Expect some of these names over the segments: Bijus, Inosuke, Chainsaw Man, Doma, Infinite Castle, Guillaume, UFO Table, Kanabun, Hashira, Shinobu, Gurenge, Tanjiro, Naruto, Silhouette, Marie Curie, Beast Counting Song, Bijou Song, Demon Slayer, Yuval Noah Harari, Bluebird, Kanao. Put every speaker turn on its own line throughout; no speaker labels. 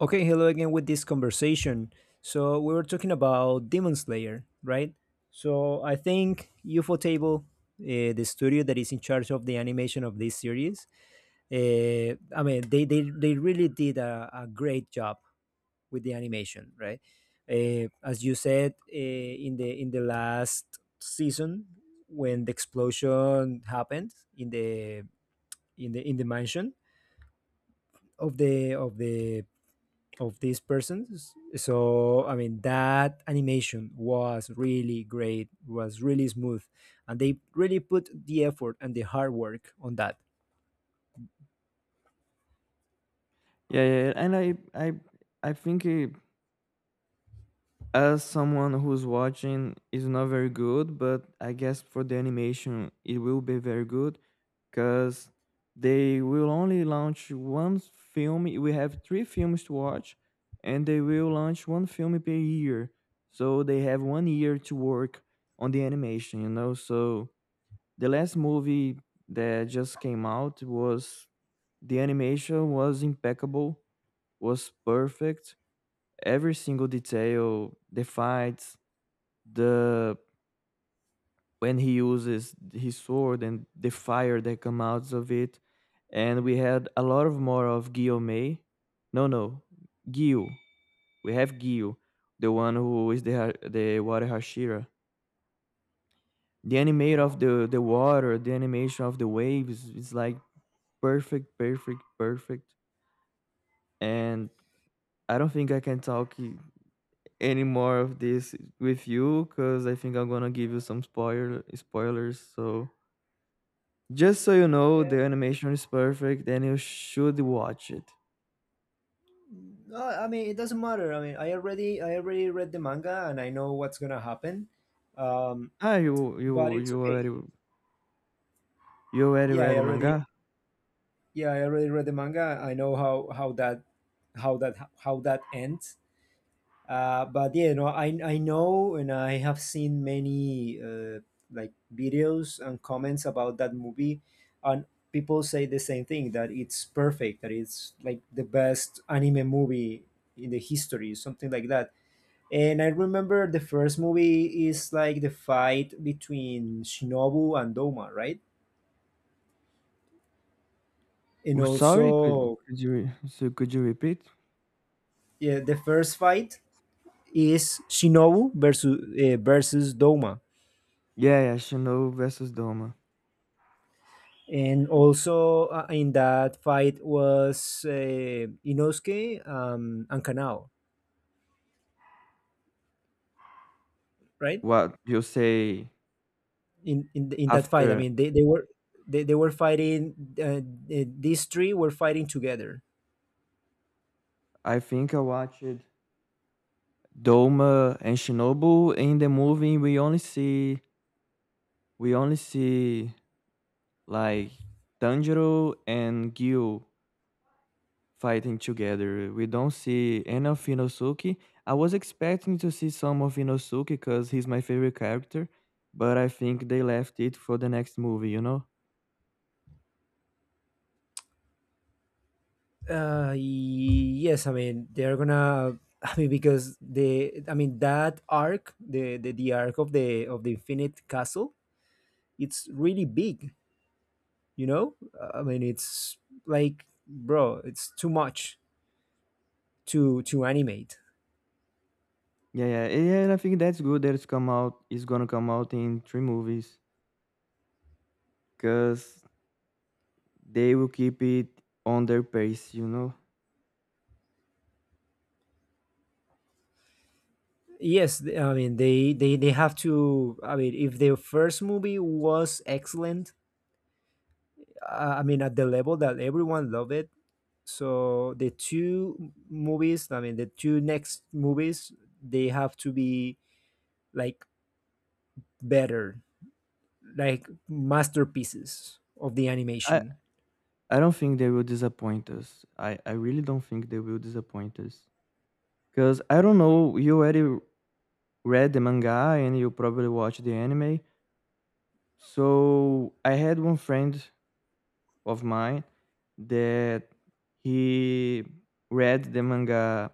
Okay, hello again with this conversation. So we were talking about Demon Slayer, right? So I think UFO Table, the studio that is in charge of the animation of this series, I mean they really did a great job with the animation, right? As you said in the last season when the explosion happened in the in the mansion of the of these persons. So I mean that animation was really great, was really smooth, and they really put the effort and the hard work on that.
Yeah, yeah, yeah, and I think as someone who's watching is not very good, but I guess for the animation it will be very good, because they will only launch one film. We have three films to watch, and they will launch one film per year. So they have one year to work on the animation, you know. So the last movie that just came out was the animation was impeccable, was perfect every single detail, the fights, the when he uses his sword and the fire that come out of it. And we had a lot of more of Guillaume. No, no, Gil. We have Gil, the one who is the water Hashira. The animate
Uh-huh.
of the water, the animation of the waves is like perfect, perfect, perfect. And I don't think I can talk any more of this with you because I think I'm gonna give you some spoilers. So just so you know,
Yeah.
the animation is perfect and you should watch it.
No, I mean it doesn't matter. I mean, I already read the manga and I know what's gonna happen. Um,
Ah, you
but
you
it's okay.
you already
Yeah, I
read the
already,
manga?
yeah, I already read the manga. I know how that how that how that ends. But yeah, no, I know, and I have seen many like videos and comments about that movie, and people say the same thing, that it's perfect, that it's like the best anime movie in the history, something like that. And I remember the first movie is like the fight between Shinobu and Doma, right? And
Oh, sorry, could
also,
could you could you repeat?
yeah, the first fight is Shinobu versus versus Doma
Yeah, yeah, Shino versus Doma.
and also in that fight was Inosuke and Kanao, right?
What you say
In that fight, I
after?
mean, they were fighting. Uh, these three were fighting together.
I think I watched Doma and Shinobu in the movie. We only see like Tanjiro and Gyu fighting together. We don't see any of Inosuke. I was expecting to see some of Inosuke because he's my favorite character, but I think they left it for the next movie, you know?
Yes, I mean they're gonna. I mean because the I mean that arc, the arc of the Infinite Castle, it's really big. You know, I mean it's like, bro, it's too much to animate.
Yeah, yeah, yeah. And I think that's good that it's come out. It's gonna come out in three movies because they will keep it on their pace, you know.
Yes, I mean they have to. I mean, if their first movie was excellent, I mean at the level that everyone loved it, so the two movies, I mean the two next movies, they have to be like better, like masterpieces of the
I
animation.
I don't think they will disappoint us. I really don't think they will disappoint us because I don't know. You already read the manga and you probably watched the anime. So I had one friend of mine that he read the manga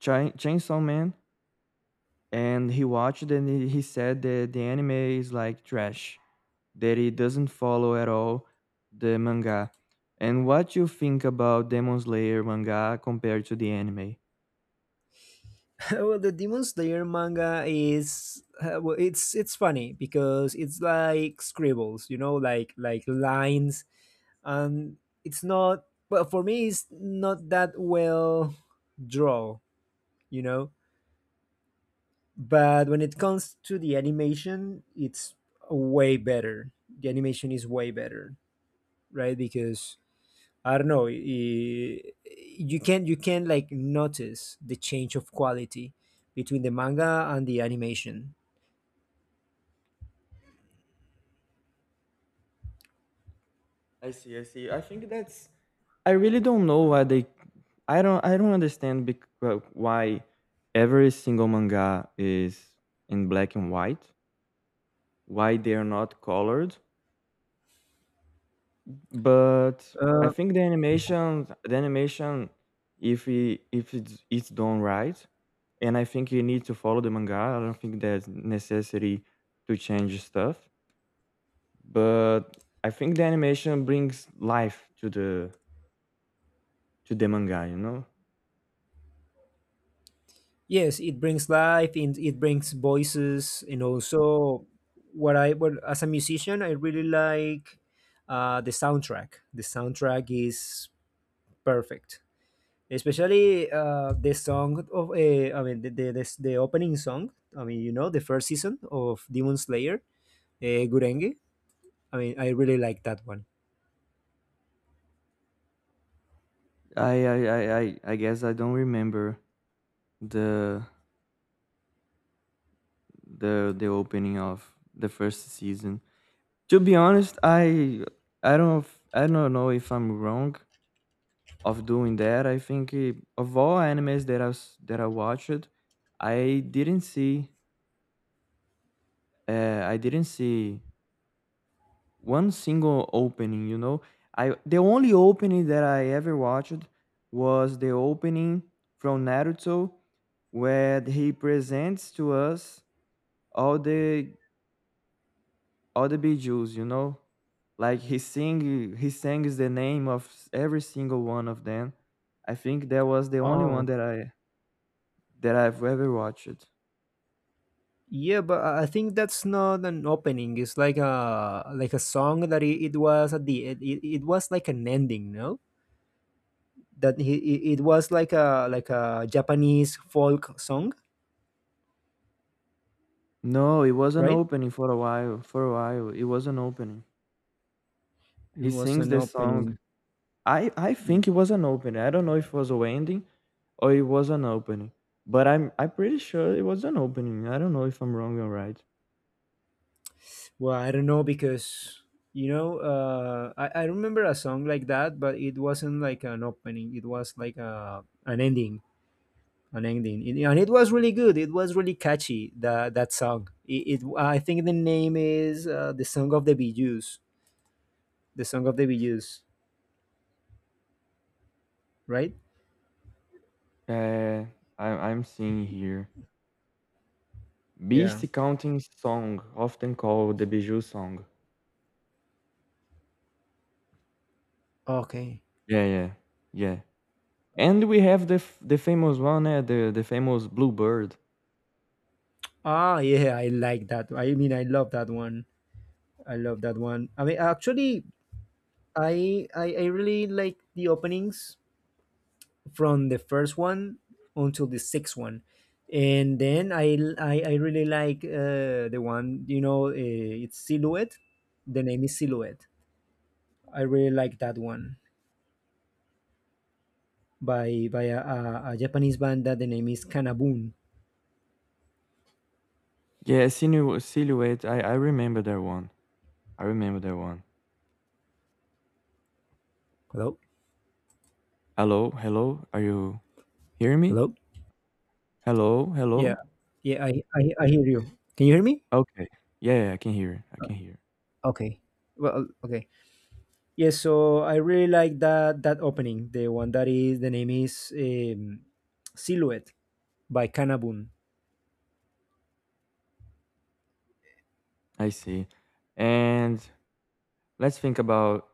Chainsaw Man and he watched it and he said that the anime is like trash, that it doesn't follow at all the manga. And what you think about Demon Slayer manga compared to the anime?
Well, the Demon Slayer manga is well, it's funny because it's like scribbles, you know, like lines and it's not well, for me it's not that well draw, you know. But when it comes to the animation, it's way better. The animation is way better, right? Because I don't know, you can like notice the change of quality between the manga and the animation.
I see, I see. I think that's I really don't know why they. I don't. I don't understand why every single manga is in black and white. Why they are not colored? But I think the animation, if it's done right, and I think you need to follow the manga. I don't think there's necessity to change stuff, but I think the animation brings life to the manga. You know.
Yes, it brings life, and it brings voices, and also what I what as a musician, I really like the soundtrack. The soundtrack is perfect, especially the song of I mean the opening song. I mean, you know, the first season of Demon Slayer, Gurenge. I mean I really like that one.
I guess I don't remember the the opening of the first season. To be honest, I don't f- I don't know if I'm wrong of doing that. I think of all animes that I watched, I didn't see I didn't see one single opening. You know, I the only opening that I ever watched was the opening from Naruto where he presents to us all the all the Bijus, you know, like he sings the name every single one of them. I think that was the only
Oh.
one that I've ever watched.
Yeah, but I think that's not an opening. It's like a song that it was at the it was like an ending, no? That it was like a Japanese folk song,
No, it was an
right?
opening for a while. For a while, it was an opening.
It
He
was
sings
an
the song.
opening.
I think it was an opening. I don't know if it was a ending or it was an opening, but I'm pretty sure it was an opening. I don't know if I'm wrong or right.
Well, I don't know because you know, I remember a song like that, but it wasn't like an opening. It was like a an ending, an ending. And it was really good. It was really catchy. That that song. It, I think the name is the song of the Bijus. The song of the Bijus, right?
Uh, I'm seeing here.
Yeah.
Beast Counting Song, often called the Bijou Song.
Okay.
Yeah, yeah, yeah. And we have the famous one, the famous Bluebird.
Ah, yeah, I like that. I mean, I love that one. I love that one. I mean, actually, I really like the openings from the first one until the sixth one, and then I really like the one, you know, it's silhouette. The name is silhouette. I really like that one by a Japanese band that the name is Kanabun.
Yeah, silhouette. I remember that one. I remember that one.
Hello?
Hello, hello. Are you hearing me?
Hello?
Hello,
Yeah,
hello.
yeah. I hear you. Can you hear me?
Okay. Yeah, yeah, I can hear. I can hear.
Okay. Well, okay. Yes, so I really like that that opening. The one that is the name is Silhouette by Kanabun.
I see. And let's think about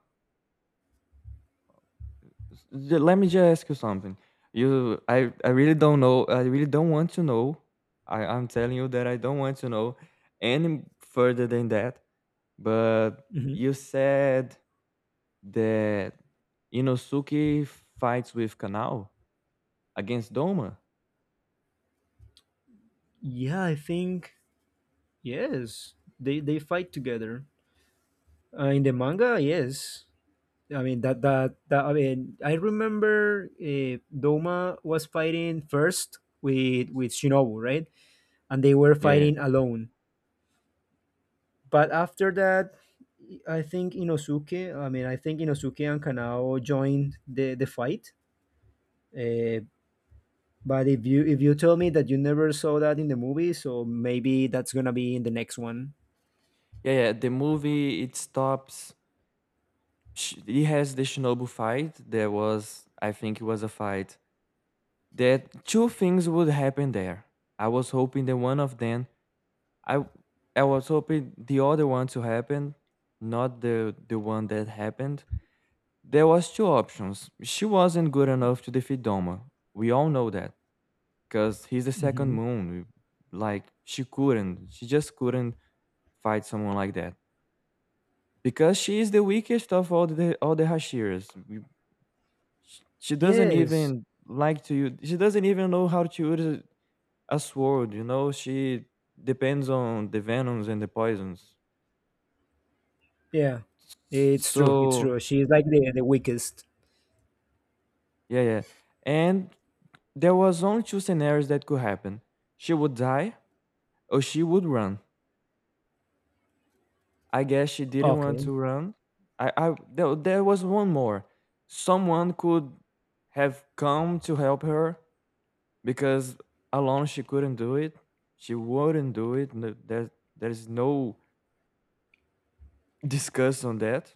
Let me just ask you something. I really don't know. I really don't want to know. I'm telling you that I don't want to know any further than that. But
Mhm.
you said that Inosuke fights with Kanao against Doma.
Yeah, I think yes, they fight together in the manga. Yes, I mean that that that I mean I remember, Doma was fighting first with Shinobu, right? And they were
Yeah, yeah,
fighting alone. But after that, I think Inosuke. I mean, I think Inosuke and Kanao joined the fight. Uh, but if you tell me that you never saw that in the movie, so maybe that's gonna be in the next one.
yeah, yeah. The movie it stops. He has the Shinobu fight. There was, I think, it was a fight. That two things would happen there. I was hoping that one of them I I was hoping the other one to happen, not the one that happened. There was two options. She wasn't good enough to defeat Doma. We all know that because he's the second
Hmm.
moon. Like she couldn't. She just couldn't fight someone like that because she is the weakest of all the Hashiras. She doesn't
Yes,
even like to use. She doesn't even know how to use a sword. You know, she depends on the venoms and the poisons.
yeah, it's true. It's
So
true. She's like the weakest.
yeah, yeah. And there was only two scenarios that could happen. She would die or she would run. I guess she didn't want
Okay,
to run. I there, there was one more. Someone could have come to help her because alone she couldn't do it. She wouldn't do it. No- There, there's no discuss on that.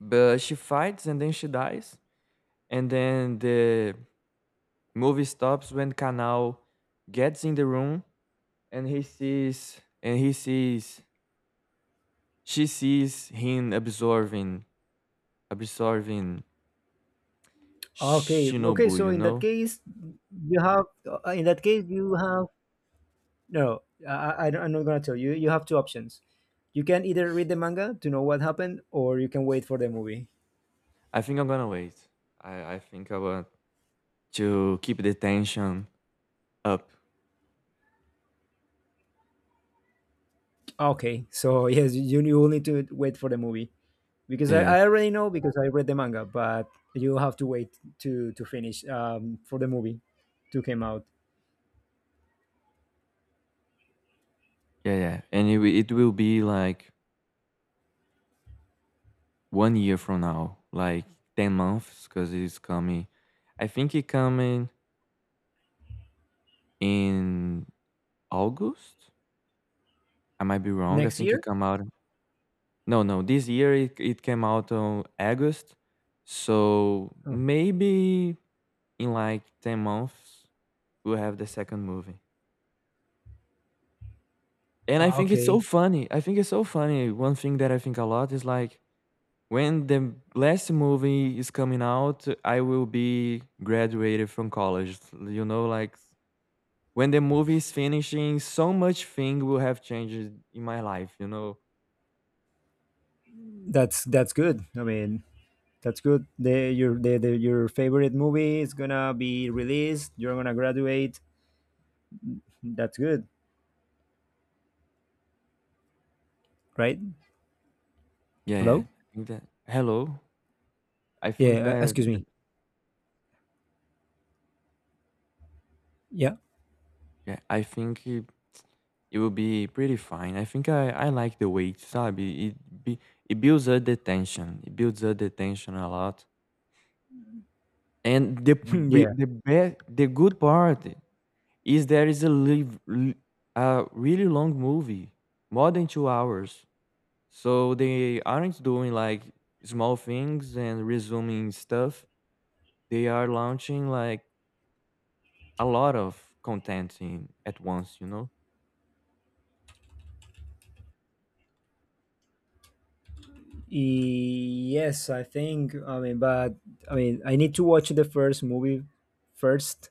But she fights and then she dies. And then the movie stops when Canal gets in the room and he sees she sees him absorbing
okay.
shinobu,
So
you
in
know.
that case, you have in that case you have no. I'm not gonna tell you. You have two options. You can either read the manga to know what happened, or you can wait for the movie.
I think I'm gonna wait. I think I want to keep the tension up.
Okay, so yes, you will need to wait for the movie, because
Yeah, yeah,
I already know because I read the manga, but you have to wait to finish, for the movie to come out
yeah, yeah. And it will be like one year from now, like 10 months because it's coming. I think it coming in august. I might be wrong. I
next
think it
year.
come out. No, no. This year it came out on August, so
Oh,
maybe in like 10 months we'll have the second movie. And I think it's so
okay,
funny. I think it's so funny. One thing that I think a lot is like when the last movie is coming out, I will be graduated from college. You know, like when the movie is finishing, so much thing will have changed in my life. You know.
that's good. I mean, that's good. The, your the, Your favorite movie is gonna be released. You're gonna graduate. That's good, right?
Yeah, yeah.
Hello.
I think that. Hello. I think
Yeah. Excuse me.
that-
Yeah.
Yeah, I think it will be pretty fine. I think I like the weight, sabe? It builds up the tension. It builds up the tension a lot. And
Yeah.
the good part is there is a live, a really long movie, more than 2 hours. So they aren't doing like small things and resuming stuff. They are launching like a lot of content in at once. You know?
Yes, I think. I mean, but I mean, I need to watch the first movie first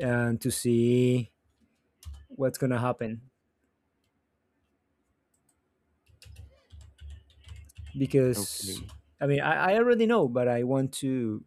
and to see what's gonna happen because
Okay.
I mean I already know, but I want to